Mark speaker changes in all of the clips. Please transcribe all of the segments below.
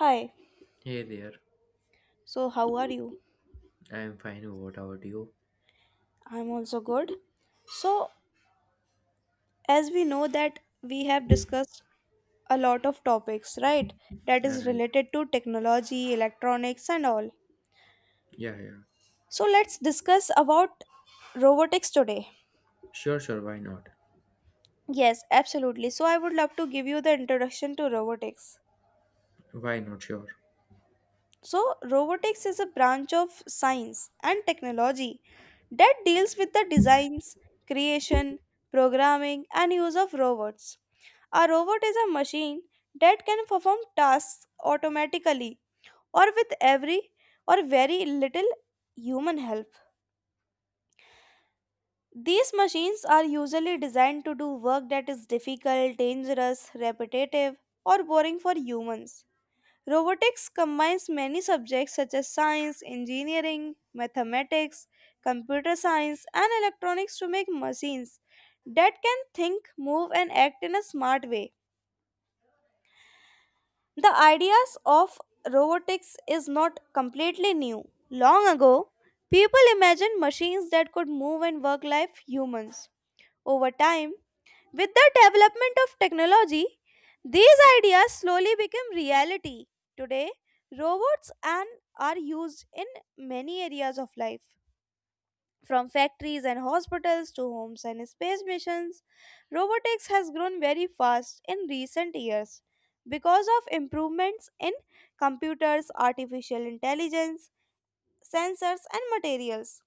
Speaker 1: Hi,
Speaker 2: Hey there.
Speaker 1: so how are you?
Speaker 2: I am fine. What about you?
Speaker 1: I'm also good. So, as we know that we have discussed a lot of topics, right? That is
Speaker 2: Alright,
Speaker 1: related to technology, electronics, and all.
Speaker 2: yeah, yeah.
Speaker 1: So, let's discuss about robotics today.
Speaker 2: Sure, sure, why not?
Speaker 1: Yes, absolutely. So, I would love to give you the introduction to robotics.
Speaker 2: Why not, sure.
Speaker 1: So, robotics is a branch of science and technology that deals with the designs, creation, programming, and use of robots. A robot is a machine that can perform tasks automatically or with every or very little human help. These machines are usually designed to do work that is difficult, dangerous, repetitive, or boring for humans. Robotics combines many subjects such as science, engineering, mathematics, computer science, and electronics to make machines that can think, move, and act in a smart way. The ideas of robotics is not completely new. Long ago, people imagined machines that could move and work like humans. Over time, with the development of technology, these ideas slowly became reality. Today, robots and are used in many areas of life. From factories and hospitals to homes and space missions, robotics has grown very fast in recent years because of improvements in computers, artificial intelligence, sensors, and materials.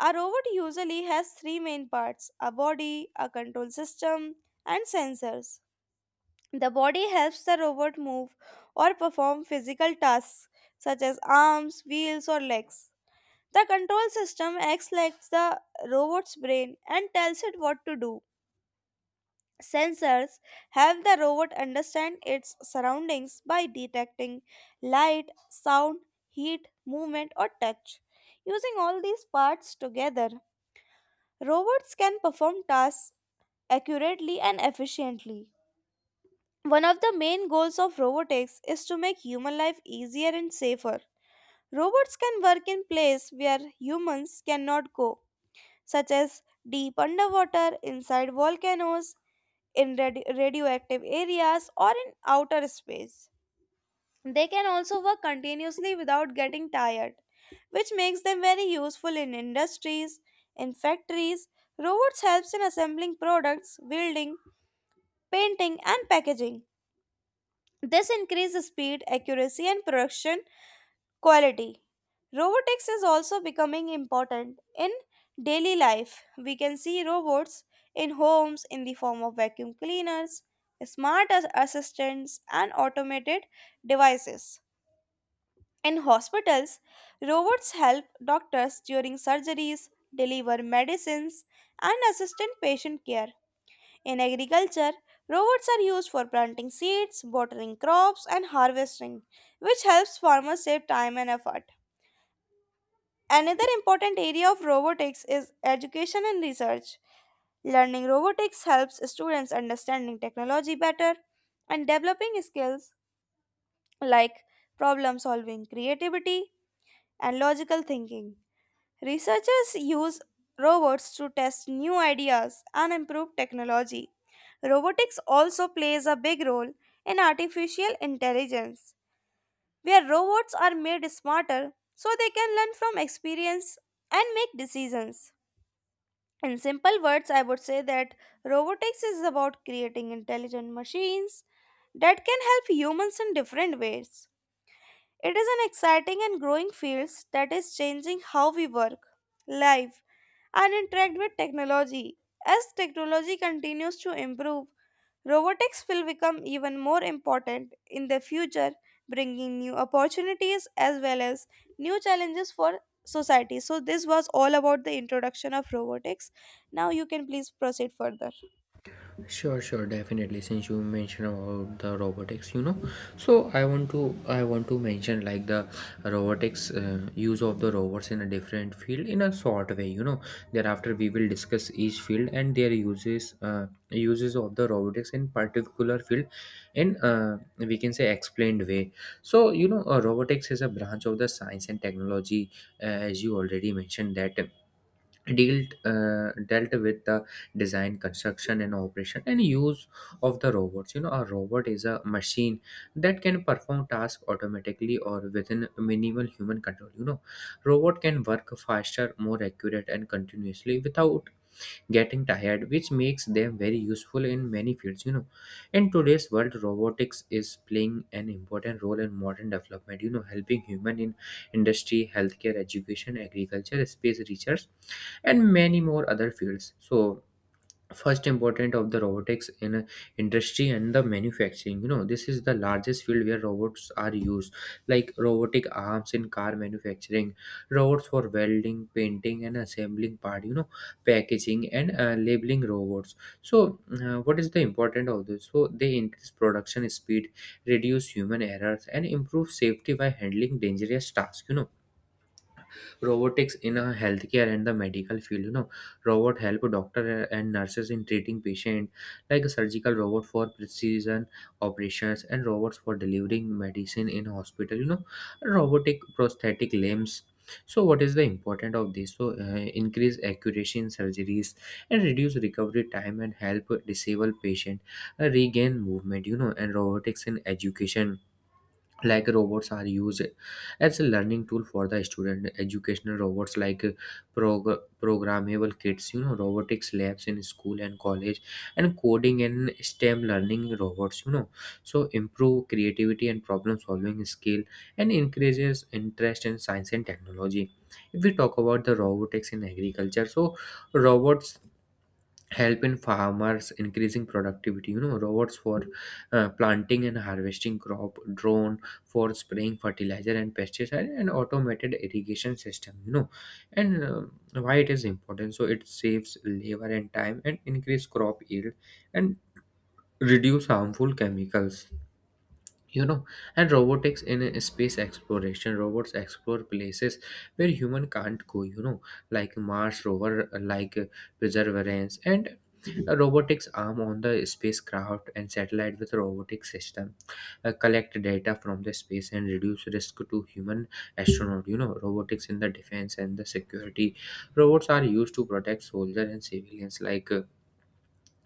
Speaker 1: A robot usually has three main parts a body, a control system, and sensors. The body helps the robot move or perform physical tasks such as arms, wheels, or legs. The control system acts like the robot's brain and tells it what to do. Sensors help the robot understand its surroundings by detecting light, sound, heat, movement, or touch. Using all these parts together, robots can perform tasks accurately and efficiently. One of the main goals of robotics is to make human life easier and safer. Robots can work in places where humans cannot go, such as deep underwater, inside volcanoes, in radioactive areas, or in outer space. They can also work continuously without getting tired, which makes them very useful in industries, in factories. Robots helps in assembling products, welding, painting and packaging. This increases speed, accuracy, and production quality. Robotics is also becoming important in daily life. We can see robots in homes in the form of vacuum cleaners, smart assistants, and automated devices. In hospitals, robots help doctors during surgeries, deliver medicines, and assist in patient care. In agriculture, robots are used for planting seeds, watering crops, and harvesting, which helps farmers save time and effort. Another important area of robotics is education and research. Learning robotics helps students understanding technology better and developing skills like problem solving, creativity, and logical thinking. Researchers use robots to test new ideas and improve technology. Robotics also plays a big role in artificial intelligence, where robots are made smarter so they can learn from experience and make decisions. In simple words, I would say that robotics is about creating intelligent machines that can help humans in different ways. It is an exciting and growing field that is changing how we work, live, and interact with technology. As technology continues to improve, robotics will become even more important in the future, bringing new opportunities as well as new challenges for society. So, this was all about the introduction of robotics. Now, you can please proceed further.
Speaker 2: Sure, sure, definitely. Since you mentioned about the robotics, you know, so I want to mention like the robotics use of the robots in a different field in a short way. You know, thereafter we will discuss each field and their uses of the robotics in particular field in we can say explained way. So you know, robotics is a branch of the science and technology, as you already mentioned that dealt with the design, construction and operation and use of the robots. You know, a robot is a machine that can perform tasks automatically or within minimal human control. You know, robot can work faster, more accurate and continuously without getting tired, which makes them very useful in many fields. You know, in today's world robotics is playing an important role in modern development, you know, helping human in industry, healthcare, education, agriculture, space research and many more other fields. So first important of the robotics in a industry and the manufacturing, you know, this is the largest field where robots are used, like robotic arms in car manufacturing, robots for welding, painting and assembling part, you know, packaging and labeling robots. So what is the important of this? So they increase production speed, reduce human errors and improve safety by handling dangerous tasks. You know, robotics in a healthcare and the medical field, you know, robot help doctor and nurses in treating patient, like a surgical robot for precision operations and robots for delivering medicine in hospital, you know, robotic prosthetic limbs. So what is the important of this? So increase accuracy in surgeries and reduce recovery time and help disabled patient regain movement. You know, and robotics in education, like robots are used as a learning tool for the student, educational robots like programmable kits, you know, robotics labs in school and college and coding and stem learning robots, you know. So improve creativity and problem solving skill and increases interest in science and technology. If we talk about the robotics in agriculture, so robots helping farmers increasing productivity, you know, robots for planting and harvesting crop, drone for spraying fertilizer and pesticide and automated irrigation system, you know, and why it is important? So it saves labor and time and increase crop yield and reduce harmful chemicals, you know. And robotics in a space exploration, robots explore places where human can't go, you know, like mars rover perseverance and a robotics arm on the spacecraft and satellite with robotic system, collect data from the space and reduce risk to human astronaut. You know, robotics in the defense and the security, robots are used to protect soldiers and civilians, like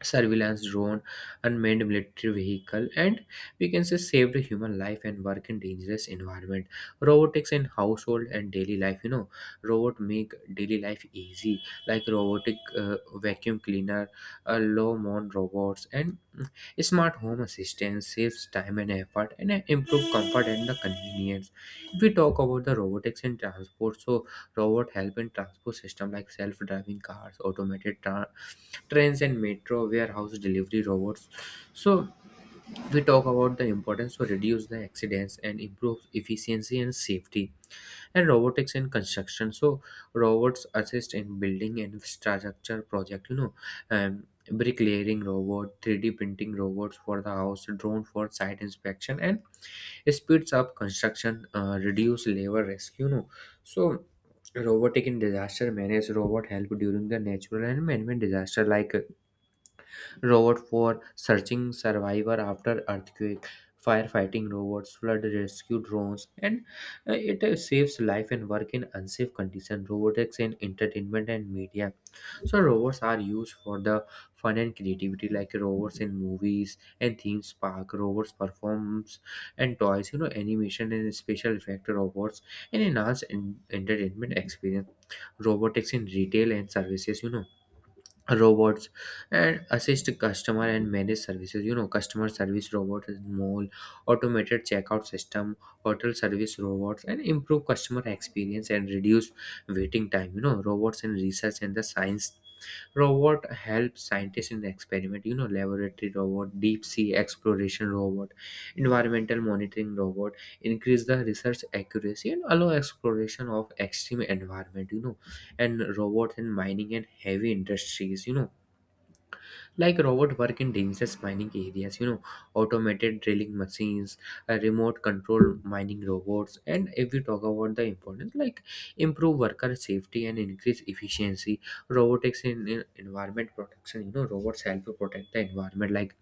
Speaker 2: surveillance drone, unmanned military vehicle, and we can say saved human life and work in dangerous environment. Robotics in household and daily life, you know, robot make daily life easy, like robotic vacuum cleaner, low mon robots, and smart home assistance saves time and effort and improve comfort and the convenience. If we talk about the robotics in transport, so robot help in transport system like self-driving cars, trains and metro, warehouse delivery robots. So we talk about the importance to reduce the accidents and improve efficiency and safety. And robotics in construction, so robots assist in building and infrastructure project, you know, bricklaying robot, 3D printing robots for the house, drone for site inspection and speeds up construction, reduce labor risk, you know. So robotic in disaster manage, robot help during the natural and man-made disaster, like robot for searching survivor after earthquake, firefighting robots, flood rescue drones, and it saves life and work in unsafe condition. Robotics in entertainment and media. So robots are used for the fun and creativity, like robots in movies and theme park. Robots performs and toys, you know, animation and special effect robots, and enhance entertainment experience. Robotics in retail and services, you know, robots and assist customer and manage services, you know, customer service robot is mole, automated checkout system, hotel service robots and improve customer experience and reduce waiting time. You know, robots in research and the science, robot helps scientists in experiment, you know, laboratory robot, deep sea exploration robot, environmental monitoring robot, increase the research accuracy and allow exploration of extreme environment. You know, and robots in mining and heavy industries, you know, like robot work in dangerous mining areas, you know, automated drilling machines, remote control mining robots. And if we talk about the importance, like improve worker safety and increase efficiency. Robotics in environment protection, you know, robots help to protect the environment, like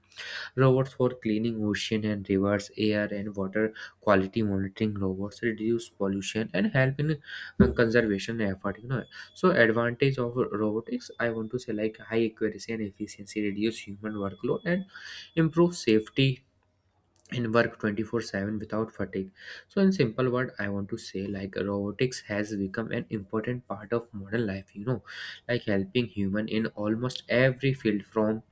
Speaker 2: robots for cleaning ocean and rivers, air and water quality monitoring robots, reduce pollution and help in conservation effort. You know, so advantage of robotics, I want to say like high accuracy and efficiency, reduce human workload and improve safety and work 24/7 without fatigue. So in simple word I want to say like robotics has become an important part of modern life, you know, like helping human in almost every field from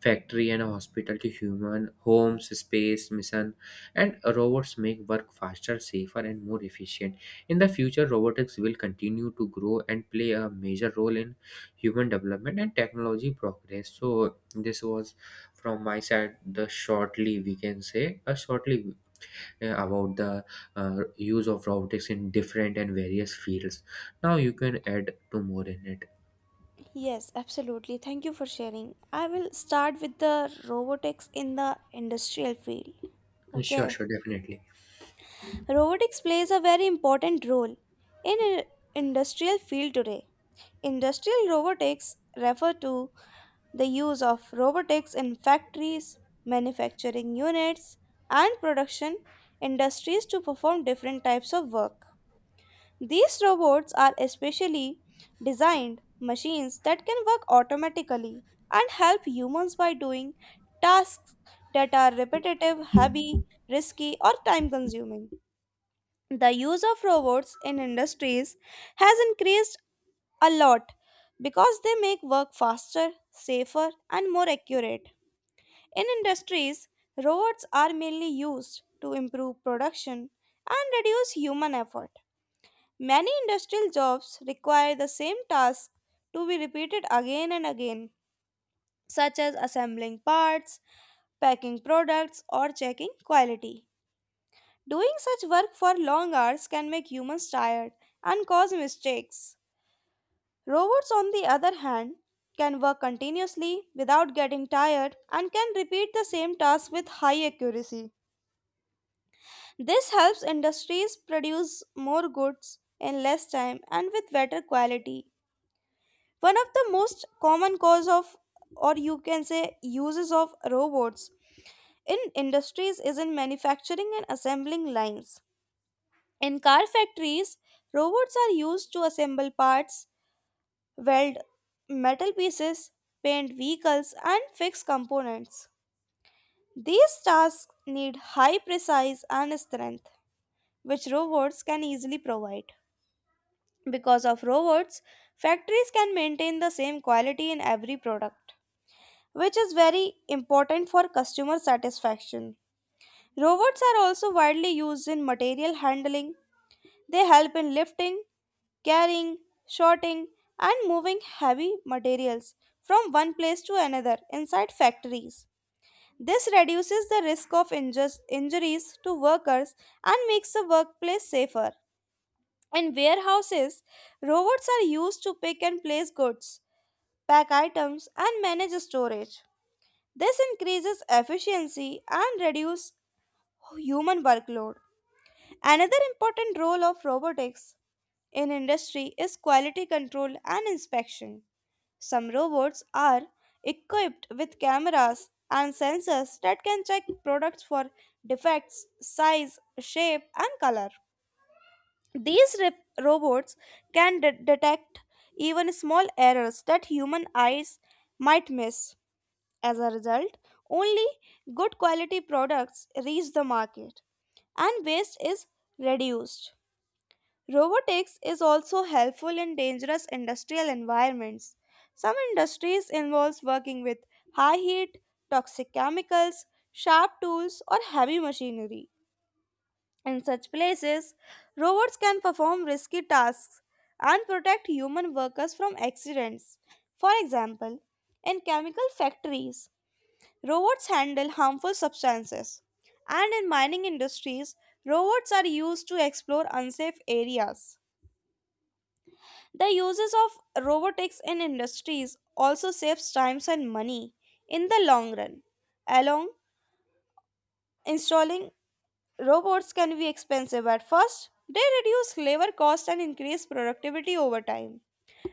Speaker 2: factory and hospital to human homes, space mission, and robots make work faster, safer and more efficient. In the future robotics will continue to grow and play a major role in human development and technology progress. So this was from my side, the shortly we can say, shortly about the use of robotics in different and various fields. Now you can add to more in it.
Speaker 1: Yes, absolutely. Thank you for sharing. I will start with the robotics in the industrial field.
Speaker 2: Sure,
Speaker 1: Okay.
Speaker 2: sure, definitely.
Speaker 1: Robotics plays a very important role in industrial field today. Industrial robotics refer to the use of robotics in factories, manufacturing units, and production industries to perform different types of work. These robots are especially designed machines that can work automatically and help humans by doing tasks that are repetitive, heavy, risky, or time consuming the use of robots in industries has increased a lot because they make work faster, safer, and more accurate. In industries, robots are mainly used to improve production and reduce human effort. Many industrial jobs require the same task to be repeated again and again, such as assembling parts, packing products, or checking quality. Doing such work for long hours can make humans tired and cause mistakes. Robots, on the other hand, can work continuously without getting tired and can repeat the same task with high accuracy. This helps industries produce more goods in less time and with better quality. One of the most common cause of or you can say uses of robots in industries is in manufacturing and assembling lines. In car factories, robots are used to assemble parts, weld metal pieces, paint vehicles, and fix components. These tasks need high precise and strength, which robots can easily provide. Because of robots, factories can maintain the same quality in every product, which is very important for customer satisfaction. Robots are also widely used in material handling. They help in lifting, carrying, sorting, and moving heavy materials from one place to another inside factories. This reduces the risk of injuries to workers and makes the workplace safer. In warehouses, robots are used to pick and place goods, pack items, and manage storage. This increases efficiency and reduces human workload. Another important role of robotics in industry is quality control and inspection. Some robots are equipped with cameras and sensors that can check products for defects, size, shape, and color. These robots can detect even small errors that human eyes might miss. As a result, only good quality products reach the market and waste is reduced. Robotics is also helpful in dangerous industrial environments. Some industries involves working with high heat, toxic chemicals, sharp tools or heavy machinery. In such places, robots can perform risky tasks and protect human workers from accidents. For example, in chemical factories, robots handle harmful substances. And in mining industries, robots are used to explore unsafe areas. The uses of robotics in industries also saves times and money in the long run. Along installing robots can be expensive at first, they reduce labor cost and increase productivity over time.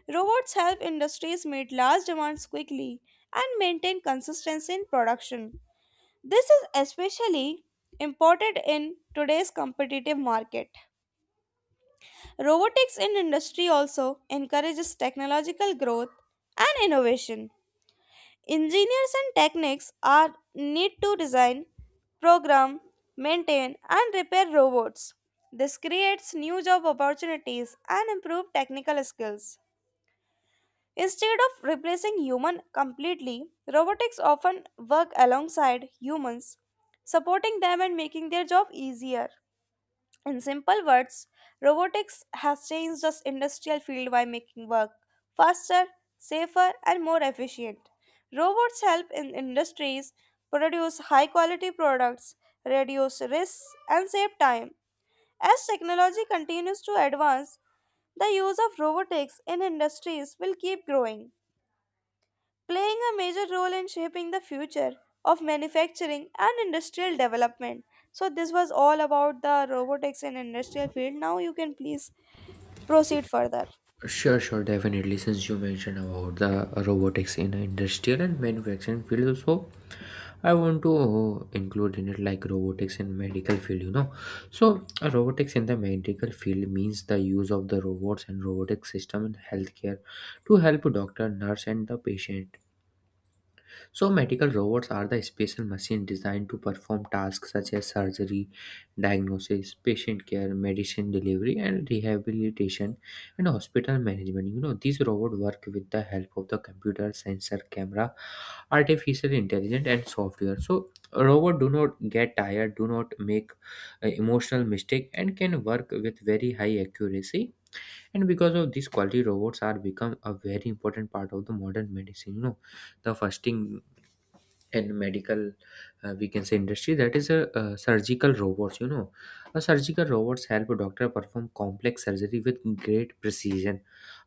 Speaker 1: Robots help industries meet large demands quickly and maintain consistency in production. This is especially important in today's competitive market. Robotics in industry also encourages technological growth and innovation. Engineers and techniques are need to design, program, maintain and repair robots. This creates new job opportunities and improve technical skills. Instead of replacing human completely, robotics often work alongside humans, supporting them and making their job easier. In simple words, robotics has changed the industrial field by making work faster, safer, and more efficient. Robots help in industries produce high quality products, reduce risks, and save time. As technology continues to advance, the use of robotics in industries will keep growing playing a major role in shaping the future of manufacturing and industrial development. So, this was all about the robotics in industrial field. Now, you can please proceed further.
Speaker 2: Sure, sure, definitely. Since you mentioned about the robotics in industrial and manufacturing field, also I want to include in it like robotics in medical field. You know, so robotics in the medical field means the use of the robots and robotic system in healthcare to help doctor, nurse and the patient. So medical robots are the special machine designed to perform tasks such as surgery, diagnosis, patient care, medicine delivery, and rehabilitation, and hospital management. You know, these robots work with the help of the computer, sensor, camera, artificial intelligence, and software. So robots do not get tired, do not make emotional mistake, and can work with very high accuracy. And because of this quality, robots are become a very important part of the modern medicine. You know, the first thing in medical, we can say industry, that is a, surgical robots. You know, a surgical robots help a doctor perform complex surgery with great precision.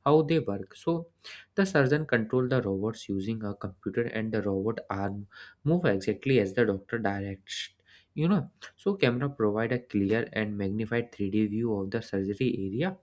Speaker 2: How they work? So the surgeon control the robots using a computer and the robot arm move exactly as the doctor directs. You know, so camera provide a clear and magnified 3D view of the surgery area,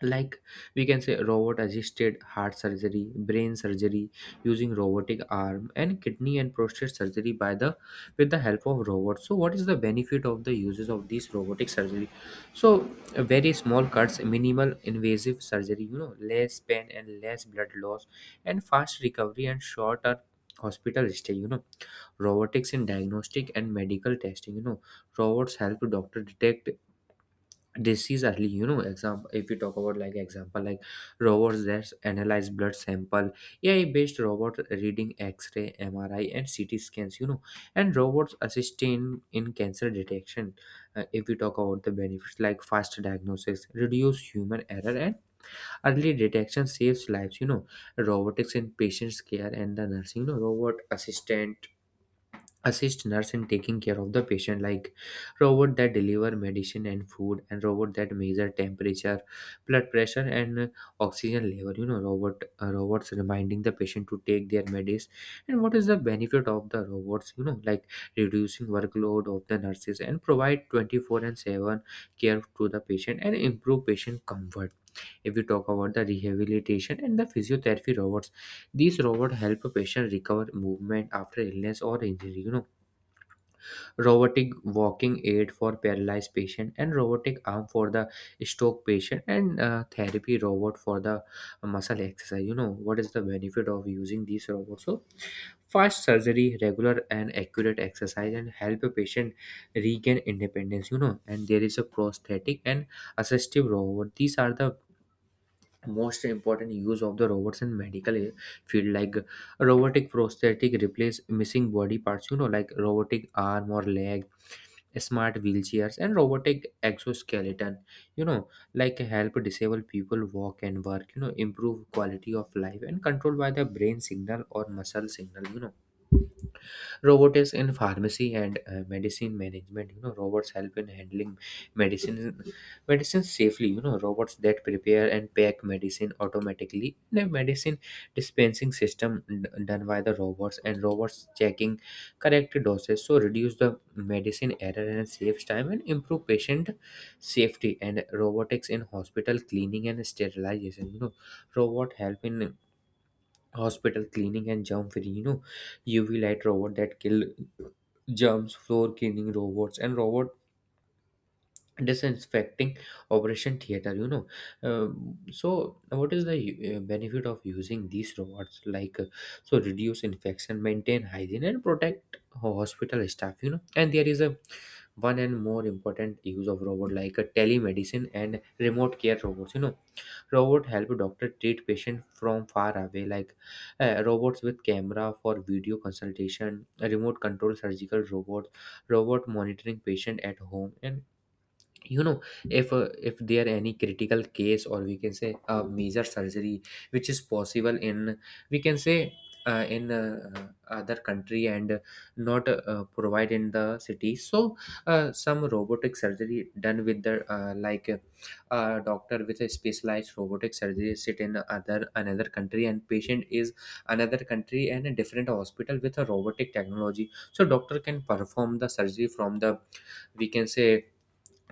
Speaker 2: like we can say robot assisted heart surgery, brain surgery using robotic arm, and kidney and prostate surgery by the with the help of robots. So what is the benefit of the uses of these robotic surgery? So very small cuts, minimal invasive surgery, you know, less pain and less blood loss and fast recovery and shorter hospital stay. You know, robotics in diagnostic and medical testing, you know, robots help doctor detect disease early. You know, example, if we talk about like example, like robots that analyze blood sample, ai based robot reading x-ray, mri and ct scans. You know, and robots assisting in cancer detection. If we talk about the benefits, like fast diagnosis, reduce human error and early detection saves lives. You know, robotics in patients care and the nursing, you know, robot assistant assist nurse in taking care of the patient, like robot that deliver medicine and food and robot that measure temperature, blood pressure and oxygen level. You know, robots reminding the patient to take their medis. And what is the benefit of the robots? You know, like reducing workload of the nurses and provide 24/7 care to the patient and improve patient comfort. If we talk about the rehabilitation and the physiotherapy robots, these robots help a patient recover movement after illness or injury. You know, robotic walking aid for paralyzed patient and robotic arm for the stroke patient and therapy robot for the muscle exercise. You know, what is the benefit of using these robots? So fast surgery, regular and accurate exercise and help a patient regain independence. You know, and there is a prosthetic and assistive robot. These are the most important use of the robots in medical field, like robotic prosthetic replace missing body parts, you know, like robotic arm or leg, smart wheelchairs and robotic exoskeleton, you know, like help disabled people walk and work, you know, improve quality of life and controlled by the brain signal or muscle signal, you know. Robotics in pharmacy and medicine management, you know, robots help in handling medicine medicine safely. You know, robots that prepare and pack medicine automatically, the medicine dispensing system done by the robots, and robots checking correct doses, so reduce the medicine error and saves time and improve patient safety. And robotics in hospital cleaning and sterilization, you know, robot help in hospital cleaning and germ free, you know, uv light robot that kill jumps, floor cleaning robots, and robot disinfecting operation theater, you know. So what is the benefit of using these robots, like so reduce infection, maintain hygiene, and protect hospital staff, you know. And there is a one and more important use of robot like a telemedicine and remote care robots, you know, robot help doctor treat patient from far away, like robots with camera for video consultation, remote control surgical robots, robot monitoring patient at home. And you know, if there any critical case, or we can say a major surgery which is possible in, we can say, in other country and not provide in the city. So some robotic surgery done with the like a doctor with a specialized robotic surgery sit in other another country, and patient is another country and a different hospital with a robotic technology, so doctor can perform the surgery from the, we can say,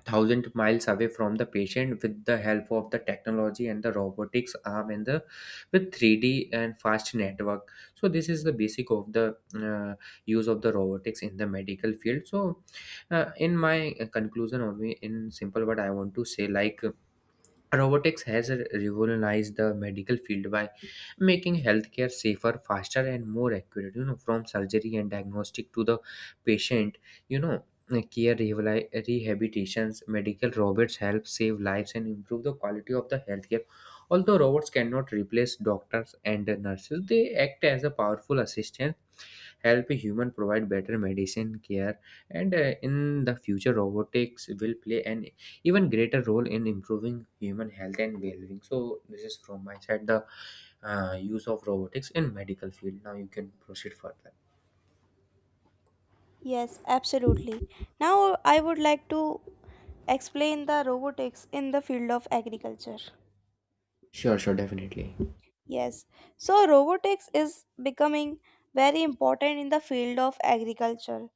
Speaker 2: thousand miles away from the patient with the help of the technology and the robotics arm, and the with 3D and fast network. So this is the basic of the uh, use of the robotics in the medical field. So in my conclusion, only in simple, what I want to say like, robotics has revolutionized the medical field by making healthcare safer, faster, and more accurate. You know, from surgery and diagnostic to the patient, you know, care rehabilitations, medical robots help save lives and improve the quality of the healthcare. Although robots cannot replace doctors and nurses, they act as a powerful assistant, help human provide better medicine care. And in the future, robotics will play an even greater role in improving human health and well-being. So this is from my side the use of robotics in medical field. Now you can proceed further.
Speaker 1: Yes, absolutely. Now, I would like to explain the robotics in the field of agriculture.
Speaker 2: Sure, sure, definitely.
Speaker 1: Yes, so robotics is becoming very important in the field of agriculture.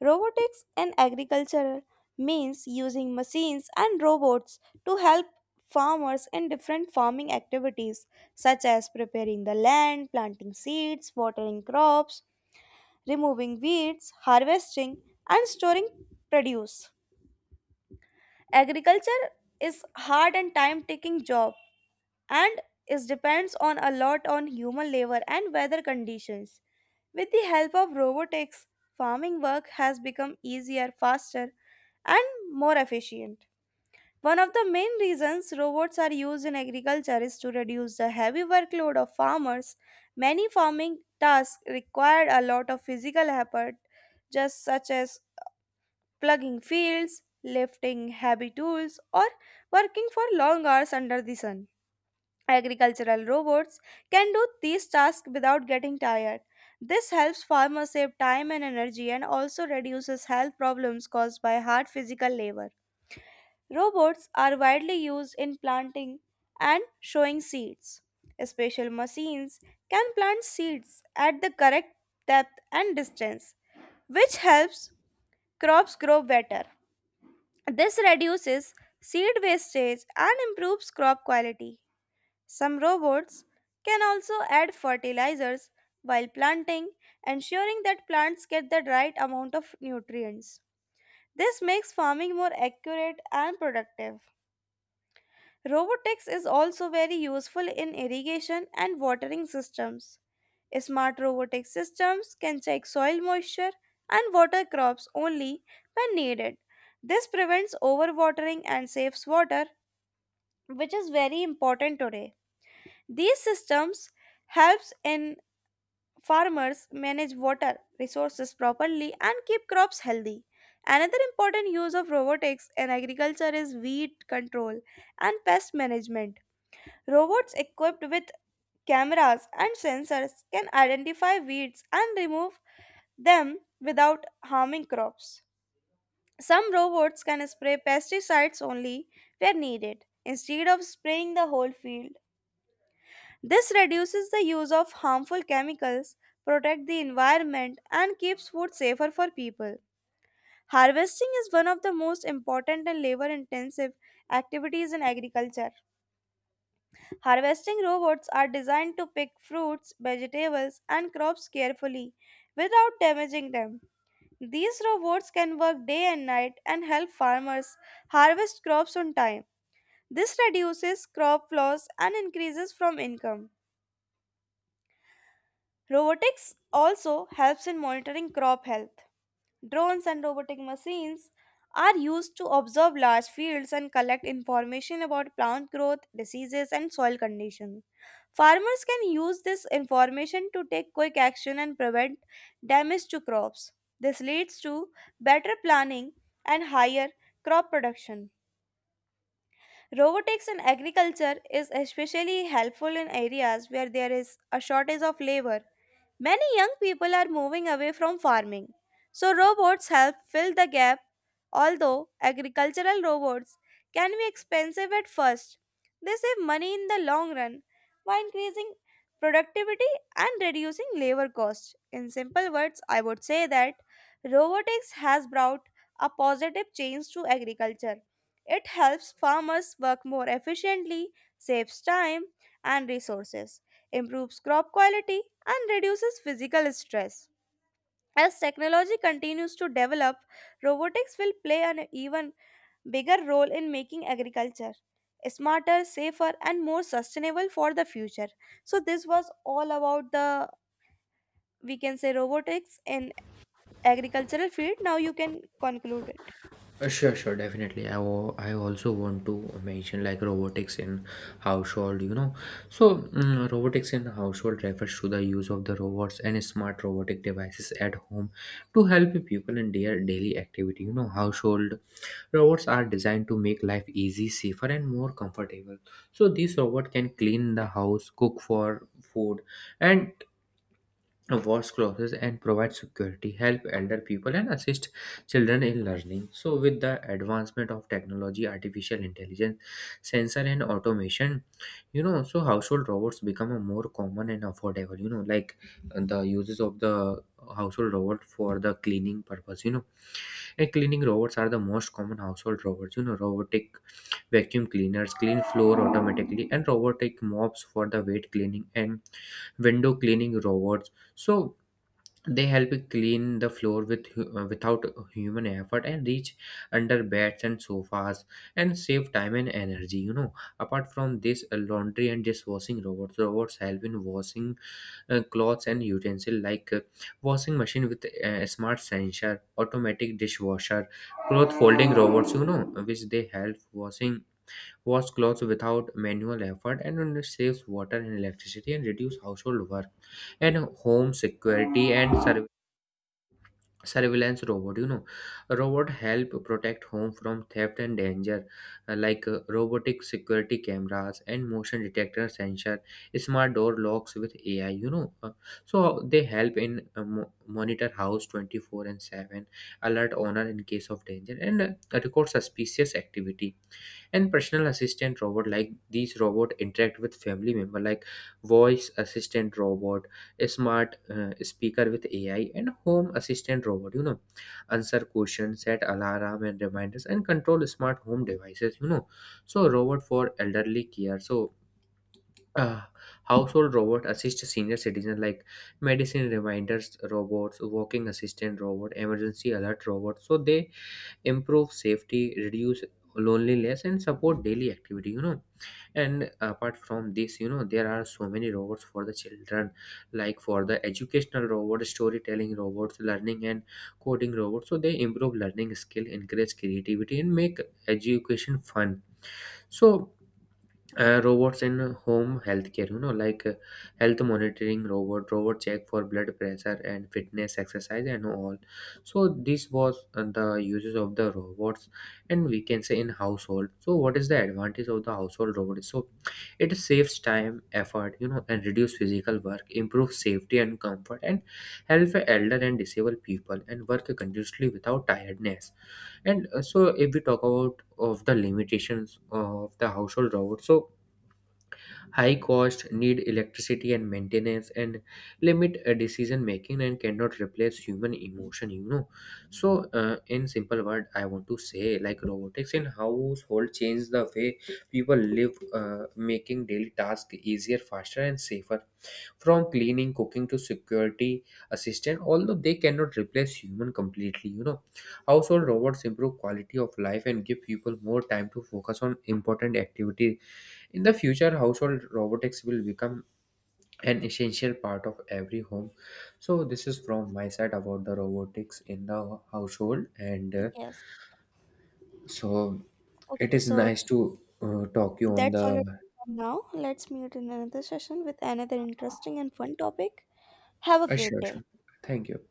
Speaker 1: Robotics in agriculture means using machines and robots to help farmers in different farming activities such as preparing the land, planting seeds, watering crops, removing weeds, harvesting, and storing produce. Agriculture is hard and time taking job and it depends on a lot on human labor and weather conditions. With the help of robotics, farming work has become easier, faster, and more efficient. One of the main reasons robots are used in agriculture is to reduce the heavy workload of farmers. Many farming tasks required a lot of physical effort, just such as plugging fields, lifting heavy tools, or working for long hours under the sun. Agricultural robots can do these tasks without getting tired. This helps farmers save time and energy and also reduces health problems caused by hard physical labor. Robots are widely used in planting and sowing seeds. Special machines can plant seeds at the correct depth and distance, which helps crops grow better. This reduces seed wastage and improves crop quality. Some robots can also add fertilizers while planting, ensuring that plants get the right amount of nutrients. This makes farming more accurate and productive. Robotics is also very useful in irrigation and watering systems. Smart robotic systems can check soil moisture and water crops only when needed. This prevents overwatering and saves water, which is very important today. These systems helps in farmers manage water resources properly and keep crops healthy. Another important use of robotics in agriculture is weed control and pest management. Robots equipped with cameras and sensors can identify weeds and remove them without harming crops. Some robots can spray pesticides only where needed instead of spraying the whole field. This reduces the use of harmful chemicals, protect the environment and keeps food safer for people. Harvesting is one of the most important and labor intensive activities in agriculture. Harvesting robots are designed to pick fruits, vegetables and crops carefully without damaging them. These robots can work day and night and help farmers harvest crops on time. This reduces crop loss and increases from income. Robotics also helps in monitoring crop health. Drones and robotic machines are used to observe large fields and collect information about plant growth, diseases, and soil condition. Farmers can use this information to take quick action and prevent damage to crops. This leads to better planning and higher crop production. Robotics in agriculture is especially helpful in areas where there is a shortage of labor. Many young people are moving away from farming, so robots help fill the gap. Although agricultural robots can be expensive at first, they save money in the long run by increasing productivity and reducing labor costs. In simple words, I would say that robotics has brought a positive change to agriculture. It helps farmers work more efficiently, saves time and resources improves crop quality, and reduces physical stress. As technology continues to develop, robotics will play an even bigger role in making agriculture smarter, safer, and more sustainable for the future. So this was all about the we can say robotics in agricultural field. Now you can conclude it.
Speaker 2: I also want to mention like robotics in household, you know. So, robotics in household refers to the use of the robots and smart robotic devices at home to help people in their daily activity. You know, household robots are designed to make life easy, safer, and more comfortable. So, these robots can clean the house, cook for food, and wash clothes, and provide security, help elder people, and assist children in learning. So, with the advancement of technology, artificial intelligence, sensor, and automation, you know, so household robots become a more common and affordable. You know, like the uses of the household robot for the cleaning purpose. You know, and cleaning robots are the most common household robots. You know, robotic vacuum cleaners clean floor automatically, and robotic mops for the weight cleaning, and window cleaning robots. So they help clean the floor without human effort, and reach under beds and sofas, and save time and energy. You know, apart from this, laundry and dishwashing robots help in washing clothes and utensil, like washing machine with smart sensor, automatic dishwasher, cloth folding robots. You know, which they help wash clothes without manual effort, and it saves water and electricity and reduce household work. And home security and service surveillance robot, you know, robot help protect home from theft and danger, like robotic security cameras and motion detector sensor, smart door locks with ai, you know. So they help in monitor house 24/7, alert owner in case of danger, and record suspicious activity. And personal assistant robot, like these robot interact with family member, like voice assistant robot, a smart speaker with ai and home assistant robot, you know, answer questions, set alarm and reminders, and control smart home devices, you know. So robot for elderly care. So uh, household robot assist senior citizen, like medicine reminders robots, walking assistant robot, emergency alert robot, so they improve safety, reduce loneliness, and support daily activity, you know. And apart from this, you know, there are so many robots for the children, like for the educational robot, storytelling robots, learning and coding robots, so they improve learning skill, encourage creativity, and make education fun. So robots in home healthcare, you know, like health monitoring robot, robot check for blood pressure and fitness, exercise, and all. So this was the uses of the robots, and we can say in household. So what is the advantage of the household robot? So it saves time, effort, you know, and reduce physical work, improve safety and comfort, and help elder and disabled people, and work continuously without tiredness. And so if we talk about of the limitations of the household robot, so high cost, need electricity and maintenance, and limit decision making, and cannot replace human emotion, you know. So in simple word, I want to say like robotics in household change the way people live, making daily tasks easier, faster, and safer, from cleaning, cooking, to security assistant. Although they cannot replace human completely, you know, household robots improve quality of life and give people more time to focus on important activity. In the future, household robotics will become an essential part of every home. So, this is from my side about the robotics in the household, and
Speaker 1: Yes.
Speaker 2: so it
Speaker 1: Okay,
Speaker 2: is
Speaker 1: so
Speaker 2: nice to talk you on
Speaker 1: that's all it
Speaker 2: the.
Speaker 1: for now. Let's meet in another session with another interesting and fun topic. Have a great
Speaker 2: Sure,
Speaker 1: day.
Speaker 2: sure. Thank you.